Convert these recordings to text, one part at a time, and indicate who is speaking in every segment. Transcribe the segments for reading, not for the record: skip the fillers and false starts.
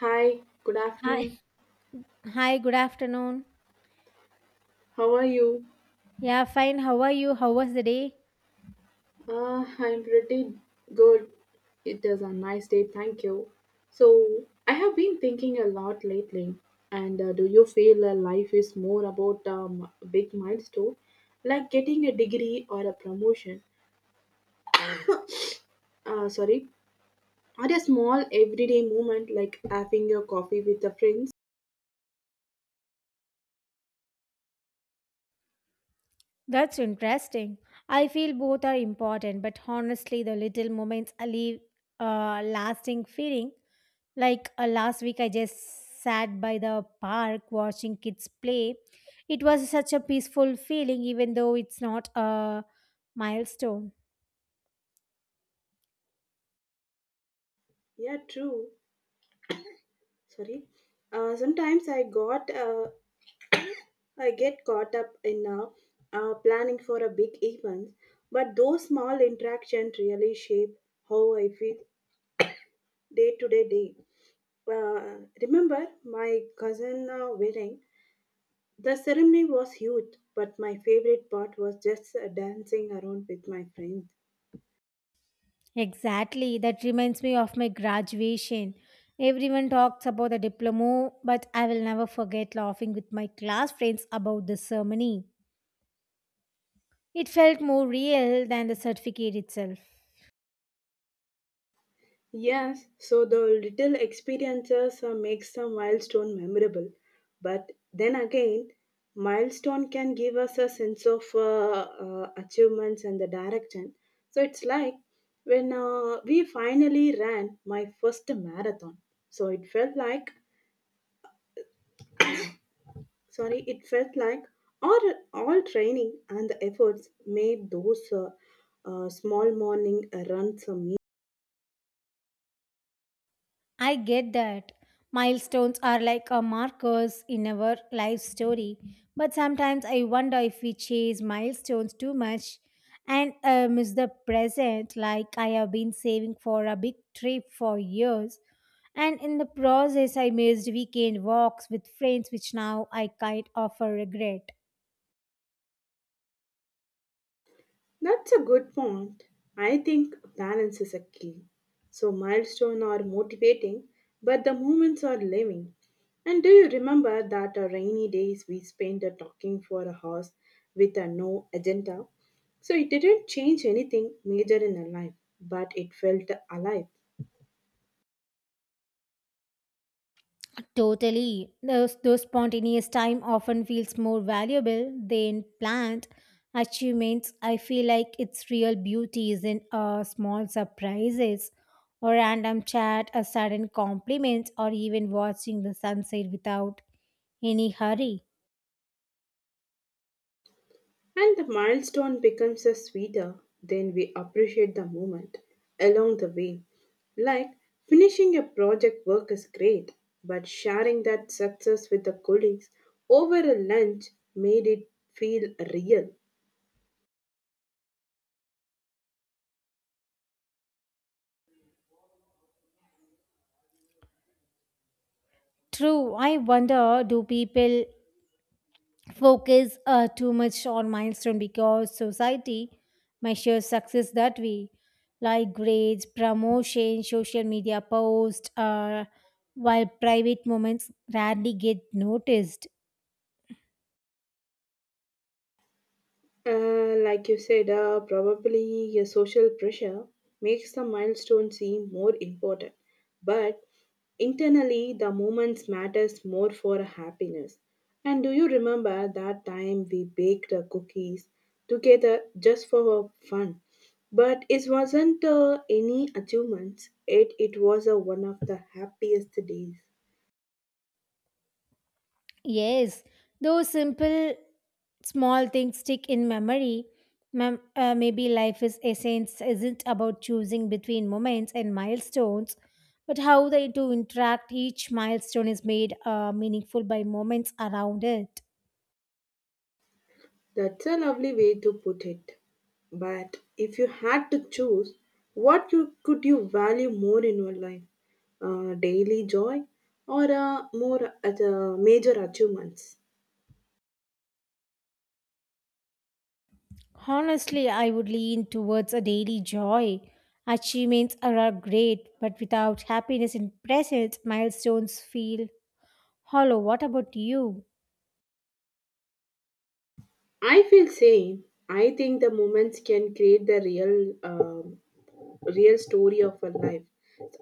Speaker 1: Hi, good afternoon.
Speaker 2: Hi. Hi, good afternoon.
Speaker 1: How are you?
Speaker 2: Yeah, fine. How are you? How was the day?
Speaker 1: I'm pretty good. It is a nice day, thank you. So, I have been thinking a lot lately, and do you feel life is more about big milestone, like getting a degree or a promotion? Uh, sorry, or a small everyday moment like having a coffee with the friends?
Speaker 2: That's interesting. I feel both are important, but honestly, the little moments I leave a lasting feeling. Like last week, I just sat by the park watching kids play. It was such a peaceful feeling, even though it's not a milestone.
Speaker 1: Yeah, true. Sorry. Sometimes I get caught up in planning for a big event, but those small interactions really shape how I feel day to day. Remember my cousin wedding? The ceremony was huge, but my favorite part was just dancing around with my friends.
Speaker 2: Exactly. That reminds me of my graduation. Everyone talks about the diploma, but I will never forget laughing with my class friends about the ceremony. It felt more real than the certificate itself.
Speaker 1: Yes, so the little experiences make some milestone memorable. But then again, milestone can give us a sense of achievements and the direction. So it's like when we finally ran my first marathon. So it felt like, it felt like all, all training and the efforts made those small morning runs a
Speaker 2: I get that. Milestones are like a markers in our life story, but sometimes I wonder if we chase milestones too much and miss the present. Like I have been saving for a big trip for years, and in the process, I missed weekend walks with friends, which now I kind of regret.
Speaker 1: That's a good point. I think balance is a key. So milestones are motivating, but the moments are living. And do you remember that our rainy days we spent talking for a horse with a no agenda? So it didn't change anything major in our life, but it felt alive.
Speaker 2: Totally. Those spontaneous time often feels more valuable than planned achievements. I feel like its real beauty is in small surprises or random chat, a sudden compliment, or even watching the sunset without any hurry.
Speaker 1: And the milestone becomes a sweeter then we appreciate the moment along the way. Like finishing a project work is great, but sharing that success with the colleagues over a lunch made it feel real.
Speaker 2: True, I wonder do people focus too much on milestone because society measures success that way, like grades, promotion, social media posts, while private moments rarely get noticed.
Speaker 1: Like you said, probably social pressure makes the milestone seem more important, but internally the moments matters more for happiness. And do you remember that time we baked cookies together just for fun? But it wasn't any achievements. It was one of the happiest days.
Speaker 2: Yes, those simple small things stick in memory. Maybe life is essence isn't about choosing between moments and milestones, but how they do interact. Each milestone is made meaningful by moments around it.
Speaker 1: That's a lovely way to put it. But if you had to choose, could you value more in your life? Daily joy or major achievements?
Speaker 2: Honestly, I would lean towards a daily joy. Achievements are great, but without happiness in presence, milestones feel hollow. What about you?
Speaker 1: I feel same. I think the moments can create the real, real story of a life.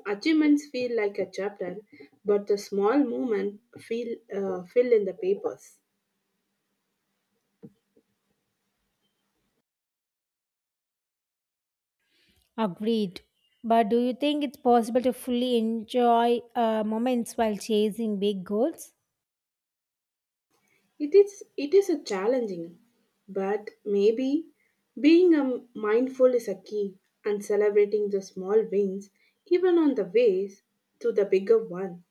Speaker 1: Achievements feel like a chapter, but the small moment feel fill in the papers.
Speaker 2: Agreed. But do you think it's possible to fully enjoy moments while chasing big goals?
Speaker 1: It is a challenging, but maybe being a mindful is a key and celebrating the small wins even on the ways to the bigger one.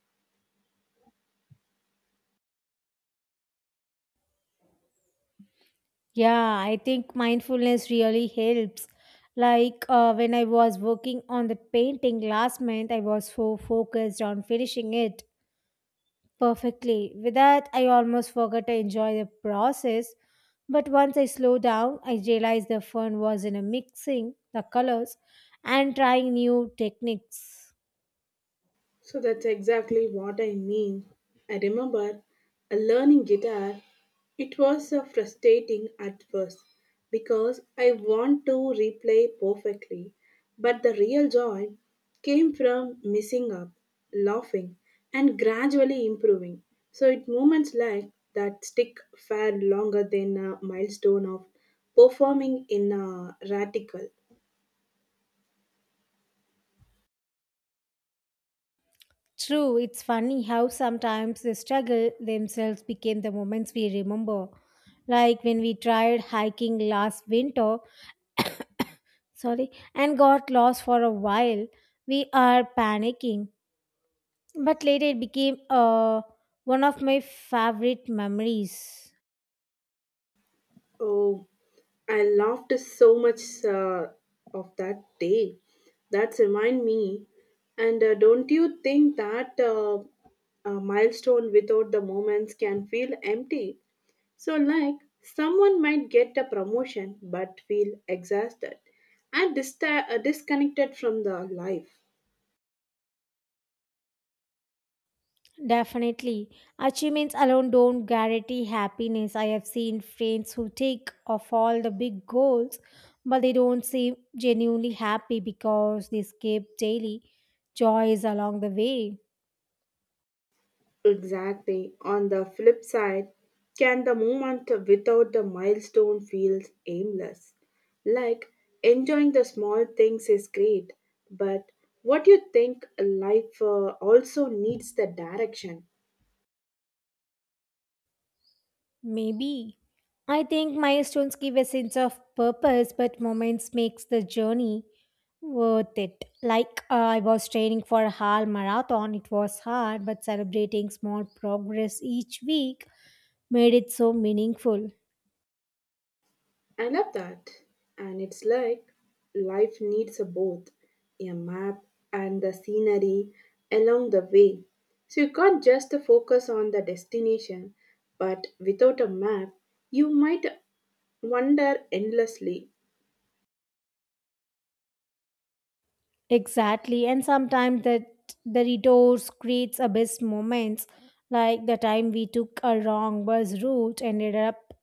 Speaker 2: Yeah, I think mindfulness really helps. Like when I was working on the painting last month, I was so focused on finishing it perfectly. With that, I almost forgot to enjoy the process. But once I slowed down, I realized the fun was in a mixing the colors and trying new techniques.
Speaker 1: So that's exactly what I mean. I remember a learning guitar. It was frustrating at first because I want to replay perfectly, but the real joy came from messing up, laughing, and gradually improving. So it moments like that stick far longer than a milestone of performing in a radical.
Speaker 2: True, it's funny how sometimes the struggle themselves became the moments we remember. Like when we tried hiking last winter, sorry, and got lost for a while, we are panicking. But later it became one of my favorite memories.
Speaker 1: Oh, I laughed so much of that day. That's remind me. And don't you think that a milestone without the moments can feel empty? So, like someone might get a promotion but feel exhausted and disconnected from the life.
Speaker 2: Definitely. Achievements alone don't guarantee happiness. I have seen friends who take off all the big goals, but they don't seem genuinely happy because they skip daily joys along the way.
Speaker 1: Exactly. On the flip side, can the moment without the milestone feels aimless? Like enjoying the small things is great, but what you think life also needs the direction.
Speaker 2: Maybe. I think milestones give a sense of purpose, but moments makes the journey worth it. Like I was training for a half marathon, it was hard, but celebrating small progress each week made it so meaningful.
Speaker 1: I love that. And it's like life needs a both a map and the scenery along the way. So you can't just focus on the destination, but without a map, you might wonder endlessly.
Speaker 2: Exactly, and sometimes that the detours creates a best moments, like the time we took a wrong bus route and ended up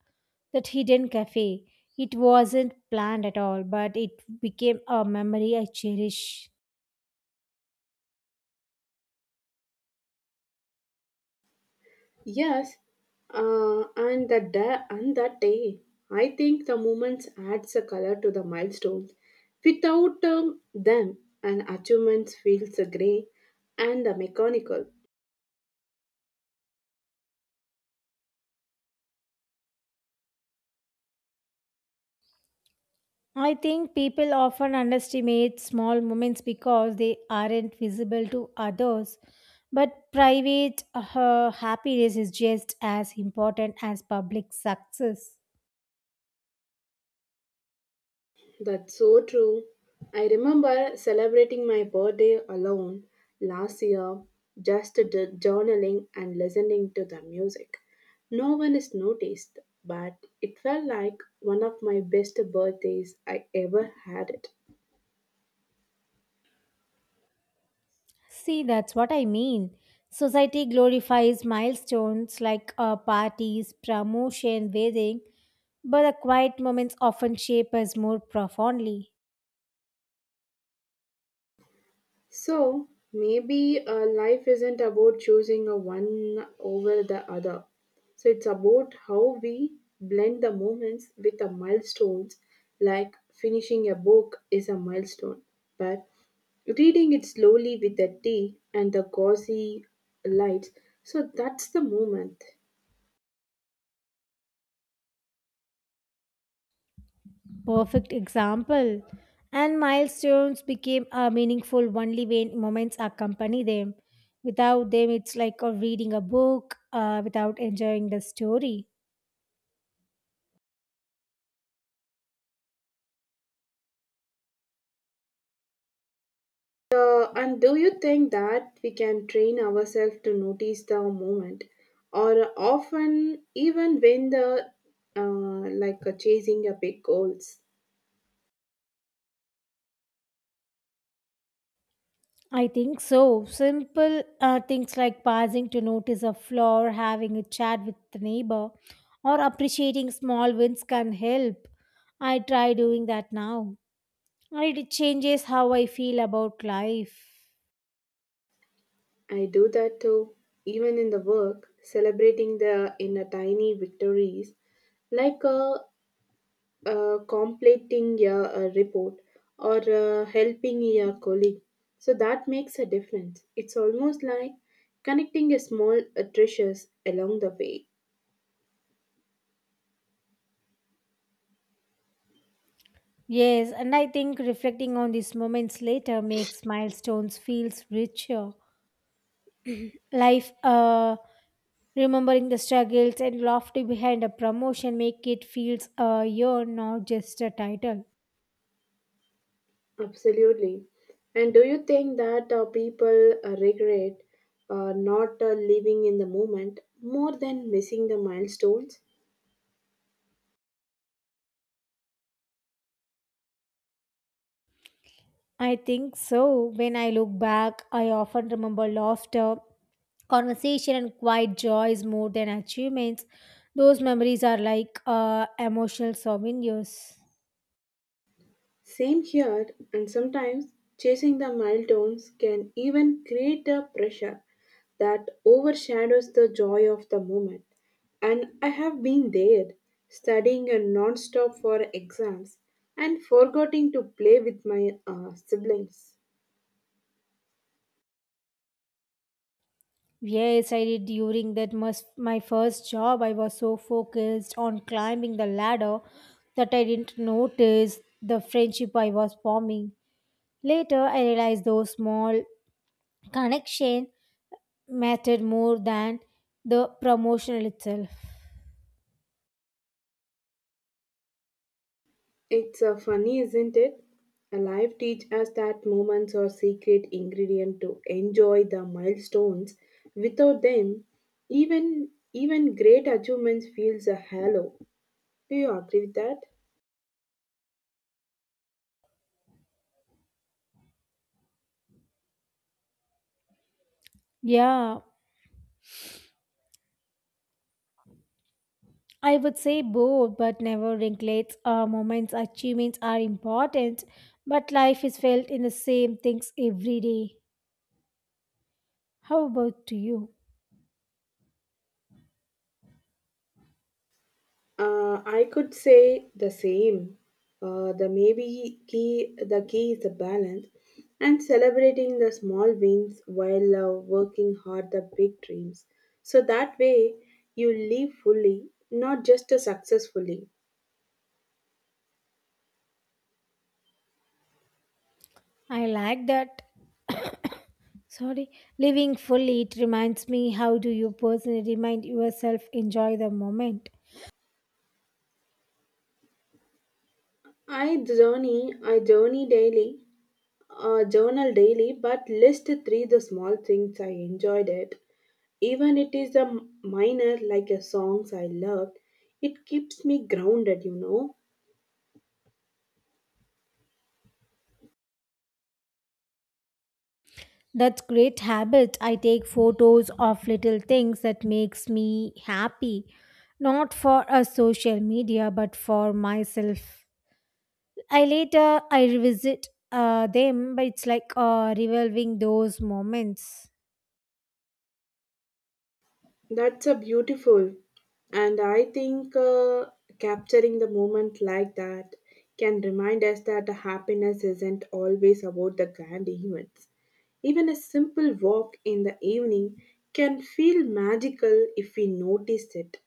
Speaker 2: that hidden cafe. It wasn't planned at all, but it became a memory I cherish.
Speaker 1: Yes, and that day, I think the moments adds a color to the milestones. Without them, an achievements feels grey and the mechanical.
Speaker 2: I think people often underestimate small moments because they aren't visible to others, but private happiness is just as important as public success.
Speaker 1: That's so true. I remember celebrating my birthday alone last year, just journaling and listening to the music. No one is noticed, but it felt like one of my best birthdays I ever had.
Speaker 2: See, that's what I mean. Society glorifies milestones like parties, promotion, wedding, but the quiet moments often shape us more profoundly.
Speaker 1: So maybe life isn't about choosing a one over the other. So it's about how we blend the moments with the milestones, like finishing a book is a milestone, but reading it slowly with the tea and the gauzy lights. So that's the moment.
Speaker 2: Perfect example. And milestones became meaningful only when moments accompany them. Without them, it's like reading a book without enjoying the story.
Speaker 1: And do you think that we can train ourselves to notice the moment, or often even when the chasing a big goals?
Speaker 2: I think so. Simple things like pausing to notice a flaw, or having a chat with the neighbor, or appreciating small wins can help. I try doing that now. And it changes how I feel about life.
Speaker 1: I do that too, even in the work, celebrating the in a tiny victories, like completing a report or helping your colleague. So that makes a difference. It's almost like connecting a small treasures along the way.
Speaker 2: Yes, and I think reflecting on these moments later makes milestones feels richer. Life Remembering the struggles and laughter behind a promotion make it feels a year, not just a title.
Speaker 1: Absolutely. And do you think that people regret not living in the moment more than missing the milestones?
Speaker 2: I think so. When I look back, I often remember laughter, conversation, and quiet joys more than achievements. Those memories are like emotional souvenirs.
Speaker 1: Same here, and sometimes chasing the milestones can even create a pressure that overshadows the joy of the moment. And I have been there, studying non-stop for exams and forgetting to play with my siblings.
Speaker 2: Yes, I did during that must my first job. I was so focused on climbing the ladder that I didn't notice the friendship I was forming. Later, I realized those small connection mattered more than the promotional itself.
Speaker 1: It's funny, isn't it? Life teach us that moments are secret ingredient to enjoy the milestones. Without them, even great achievements feels a hollow. Do you agree with that?
Speaker 2: Yeah, I would say both, but never neglects moments, achievements are important, but life is felt in the same things every day. How about to you?
Speaker 1: I could say the same. The key is the balance and celebrating the small wins while working hard the big dreams. So that way you live fully, not just successfully.
Speaker 2: I like that. Sorry, living fully, it reminds me how do you personally remind yourself enjoy the moment.
Speaker 1: I journal daily, but list three the small things I enjoyed it. Even it is a minor like a songs I loved. It keeps me grounded, you know.
Speaker 2: That's great habit. I take photos of little things that makes me happy, not for a social media, but for myself. I later I revisit them, but it's like revolving those moments.
Speaker 1: That's a beautiful, and I think capturing the moment like that can remind us that the happiness isn't always about the grand events. Even a simple walk in the evening can feel magical if we notice it.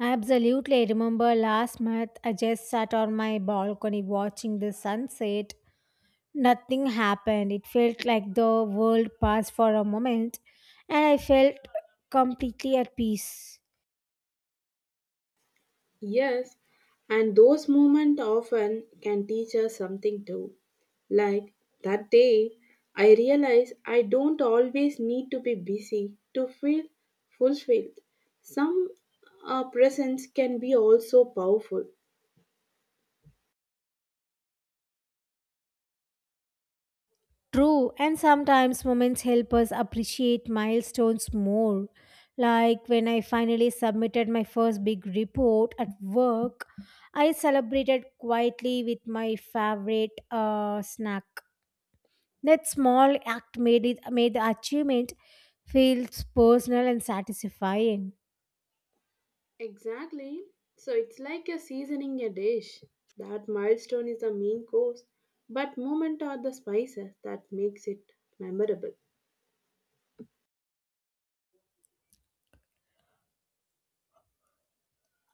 Speaker 2: Absolutely, I remember last month I just sat on my balcony watching the sunset. Nothing happened. It felt like the world paused for a moment, and I felt completely at peace.
Speaker 1: Yes, and those moments often can teach us something too. Like that day, I realized I don't always need to be busy to feel fulfilled. Some presence can be also powerful.
Speaker 2: True, and sometimes moments help us appreciate milestones more. Like when I finally submitted my first big report at work, I celebrated quietly with my favorite snack. That small act made it made the achievement feels personal and satisfying.
Speaker 1: Exactly. So it's like you're seasoning a dish. That milestone is the main course, but moment are the spices that makes it memorable.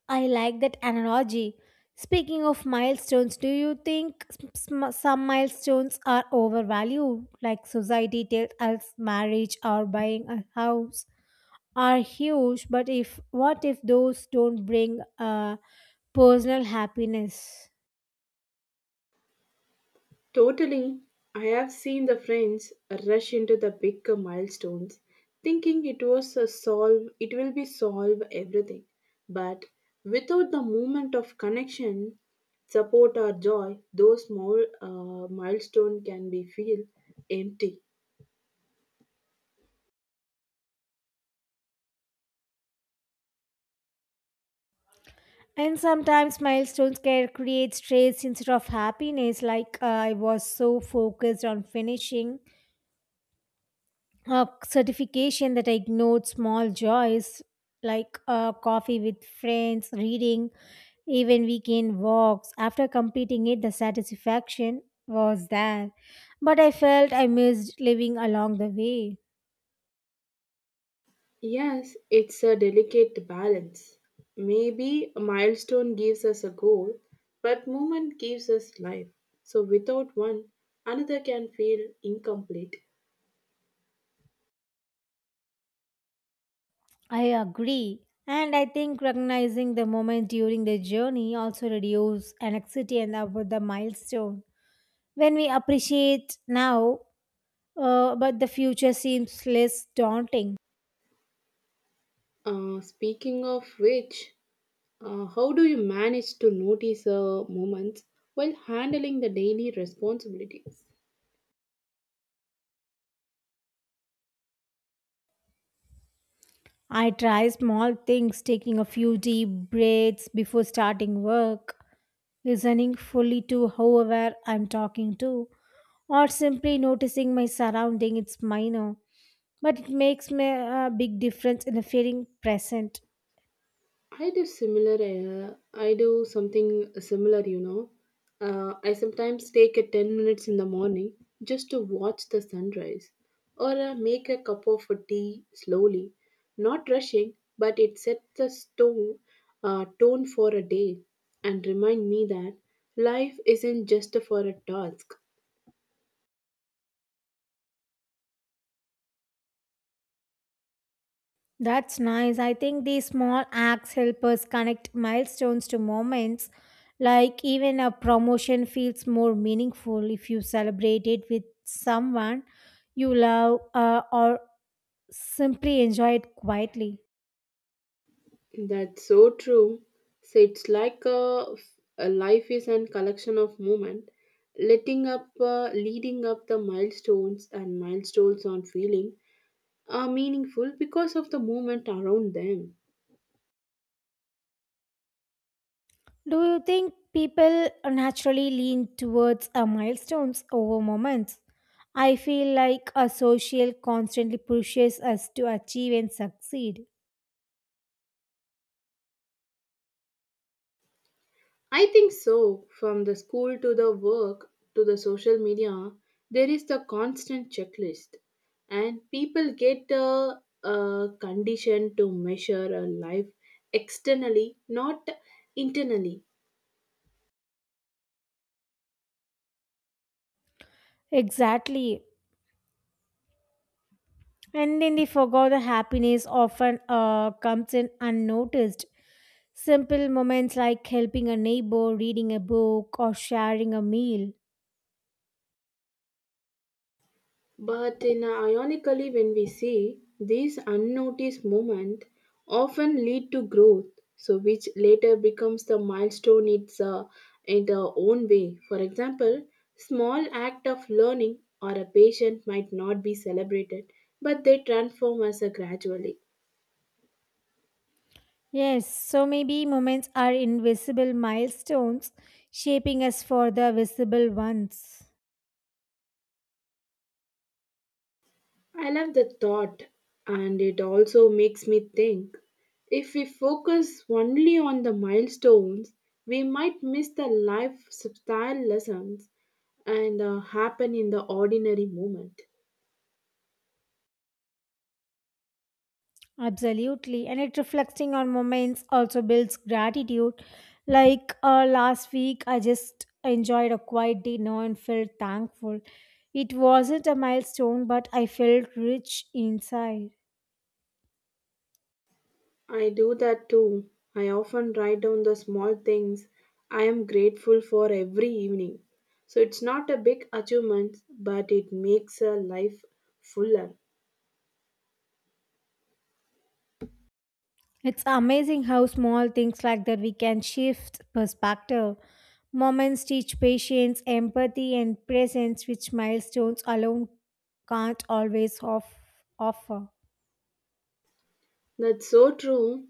Speaker 2: I like that analogy. Speaking of milestones, do you think some milestones are overvalued? Like society tells us marriage or buying a house are huge, but if what if those don't bring personal happiness?
Speaker 1: Totally. I have seen the friends rush into the big milestones, thinking it was a solve it will be solve everything. But without the moment of connection, support or joy, those small milestone can be feel empty.
Speaker 2: And sometimes milestones can create stress instead of happiness. Like I was so focused on finishing a certification that I ignored small joys like coffee with friends, reading, even weekend walks. After completing it, the satisfaction was there, but I felt I missed living along the way.
Speaker 1: Yes, it's a delicate balance. Maybe a milestone gives us a goal, but movement gives us life. So without one, another can feel incomplete.
Speaker 2: I agree. And I think recognizing the moment during the journey also reduces anxiety and about the milestone. When we appreciate now, but the future seems less daunting.
Speaker 1: Speaking of which, how do you manage to notice moments while handling the daily responsibilities?
Speaker 2: I try small things, taking a few deep breaths before starting work, listening fully to whoever I'm talking to, or simply noticing my surrounding. It's minor, but it makes me a big difference in the feeling present.
Speaker 1: I do something similar. You know, I sometimes take a 10 minutes in the morning just to watch the sunrise, or make a cup of tea slowly, not rushing, but it sets the stone tone for a day and remind me that life isn't just for a task
Speaker 2: That's nice. I think these small acts help us connect milestones to moments. Like even a promotion feels more meaningful if you celebrate it with someone you love, or simply enjoy it quietly.
Speaker 1: That's so true. So it's like a life is a collection of moment, leading up the milestones and milestones on feeling are meaningful because of the movement around them.
Speaker 2: Do you think people naturally lean towards milestones over moments? I feel like a social constantly pushes us to achieve and succeed.
Speaker 1: I think so. From the school to the work to the social media, there is the constant checklist, and people get conditioned to measure a life externally, not internally
Speaker 2: Exactly. And then they forgot the happiness often comes in unnoticed. Simple moments like helping a neighbor, reading a book, or sharing a meal.
Speaker 1: But in ironically, when we see these unnoticed moments, often lead to growth, so which later becomes the milestone it's in their own way. For example, small act of learning or a patient might not be celebrated, but they transform us gradually.
Speaker 2: Yes, so maybe moments are invisible milestones shaping us for the visible ones.
Speaker 1: I love the thought, and it also makes me think if we focus only on the milestones, we might miss the life subtle lessons and happen in the ordinary moment.
Speaker 2: Absolutely. And it reflecting on moments also builds gratitude. Like last week, I just enjoyed a quiet dinner and felt thankful. It wasn't a milestone, but I felt rich inside.
Speaker 1: I do that too. I often write down the small things I am grateful for every evening. So it's not a big achievement, but it makes a life fuller.
Speaker 2: It's amazing how small things like that we can shift perspective. Moments teach patience, empathy, and presence, which milestones alone can't always offer.
Speaker 1: That's so true.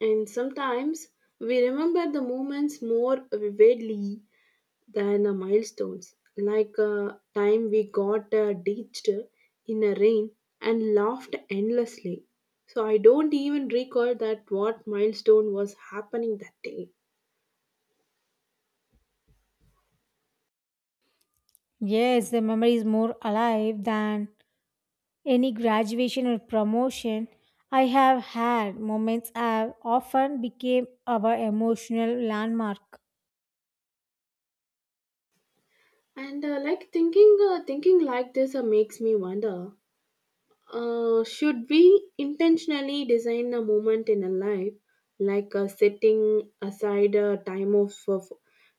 Speaker 1: And sometimes we remember the moments more vividly than the milestones, like a time we got ditched in a rain and laughed endlessly. So I don't even recall that what milestone was happening that day.
Speaker 2: Yes, the memory is more alive than any graduation or promotion I have had. Moments have often became our emotional landmark.
Speaker 1: And thinking like this makes me wonder. Should we intentionally design a moment in a life, like setting aside a time of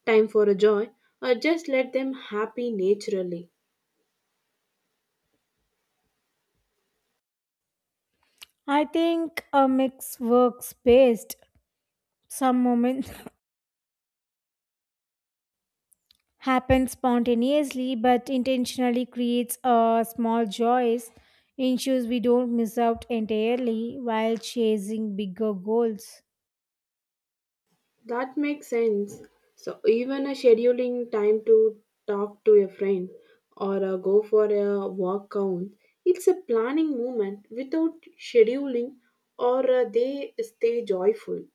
Speaker 1: time for a joy, or just let them happy naturally?
Speaker 2: I think a mix works best. Some moments happens spontaneously, but intentionally creates a small joys ensures we don't miss out entirely while chasing bigger goals.
Speaker 1: That makes sense. So even a scheduling time to talk to a friend or go for a walk count. It's a planning moment without scheduling, or they stay joyful.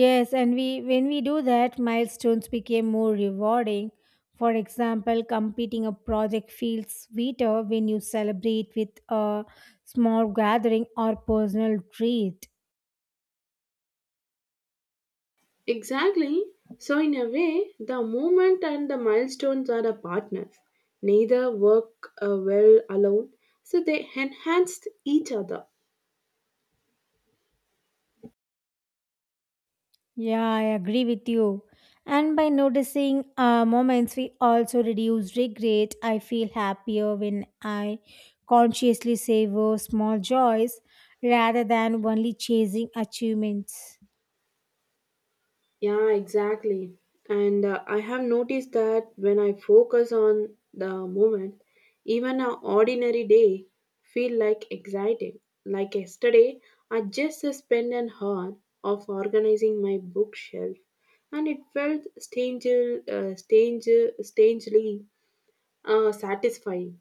Speaker 2: Yes, and we, when we do that, milestones become more rewarding. For example, completing a project feels sweeter when you celebrate with a small gathering or personal treat.
Speaker 1: Exactly. So, in a way, the movement and the milestones are the partners. Neither work well alone, so they enhanced each other.
Speaker 2: Yeah, I agree with you. And by noticing moments, we also reduce regret. I feel happier when I consciously savor small joys rather than only chasing achievements.
Speaker 1: Yeah, exactly. And I have noticed that when I focus on the moment, even an ordinary day feel like exciting. Like yesterday, I just spent an hour of organizing my bookshelf, and it felt strange, uh, strange, strangely satisfying.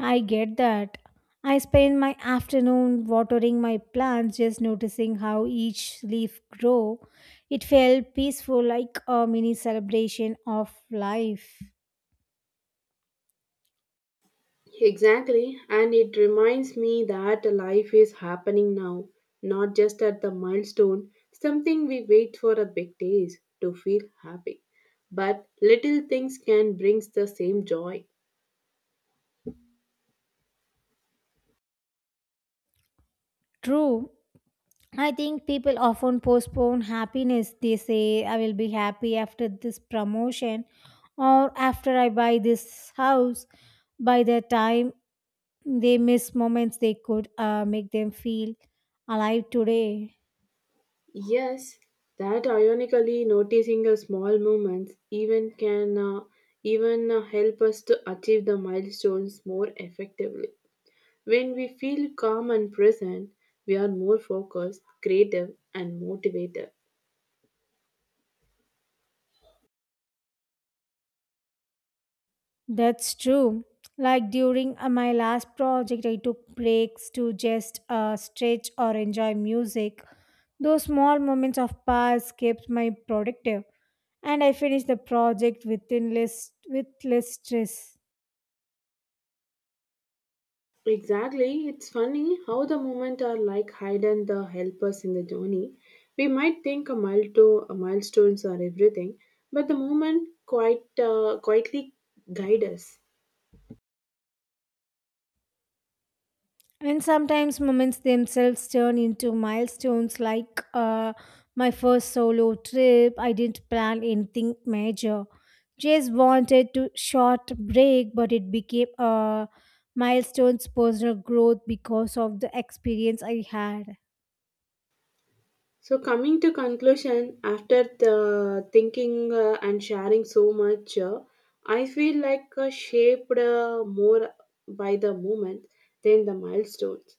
Speaker 2: I get that. I spend my afternoon watering my plants, just noticing how each leaf grow. It felt peaceful, like a mini celebration of life.
Speaker 1: Exactly, and it reminds me that life is happening now, not just at the milestone, something we wait for a big days to feel happy. But little things can bring the same joy.
Speaker 2: True, I think people often postpone happiness. They say, I will be happy after this promotion or after I buy this house. By the time they miss moments, they could make them feel alive today.
Speaker 1: Yes, that ironically noticing a small moments even can even help us to achieve the milestones more effectively. When we feel calm and present, we are more focused, creative, and motivated.
Speaker 2: That's true. Like during my last project, I took breaks to just stretch or enjoy music. Those small moments of pause kept me productive, and I finish the project within less with less stress.
Speaker 1: Exactly, it's funny how the moment are like hide and the help us in the journey. We might think a milestones are everything, but the moment quite quietly guide us.
Speaker 2: And sometimes moments themselves turn into milestones, like my first solo trip. I didn't plan anything major; just wanted to short break, but it became a milestones personal growth because of the experience I had.
Speaker 1: So coming to conclusion, after the thinking and sharing so much, I feel like shaped more by the moment than the milestones.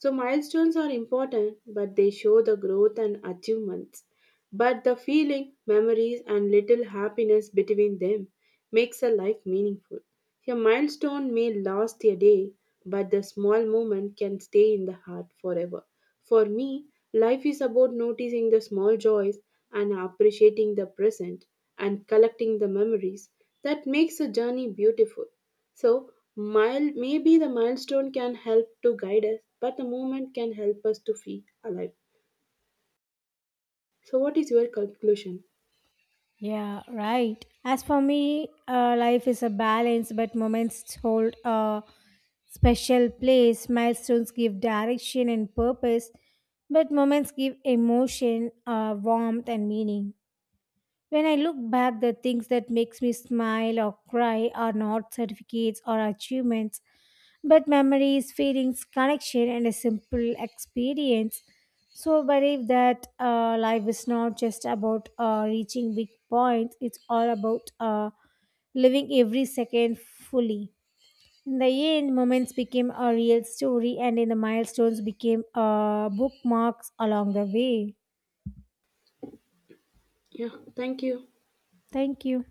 Speaker 1: So milestones are important, but they show the growth and achievements. But the feeling, memories, and little happiness between them makes a life meaningful. A milestone may last a day, but the small moment can stay in the heart forever. For me, life is about noticing the small joys and appreciating the present and collecting the memories that makes a journey beautiful. So, maybe the milestone can help to guide us, but the movement can help us to feel alive. So, what is your conclusion?
Speaker 2: Yeah, right. As for me, life is a balance, but moments hold a special place. Milestones give direction and purpose, but moments give emotion, warmth, and meaning. When I look back, the things that makes me smile or cry are not certificates or achievements, but memories, feelings, connection, and a simple experience. So I believe that life is not just about reaching big points; it's all about living every second fully. In the end, moments became a real story, and in the milestones became bookmarks along the way.
Speaker 1: Yeah, thank you.
Speaker 2: Thank you.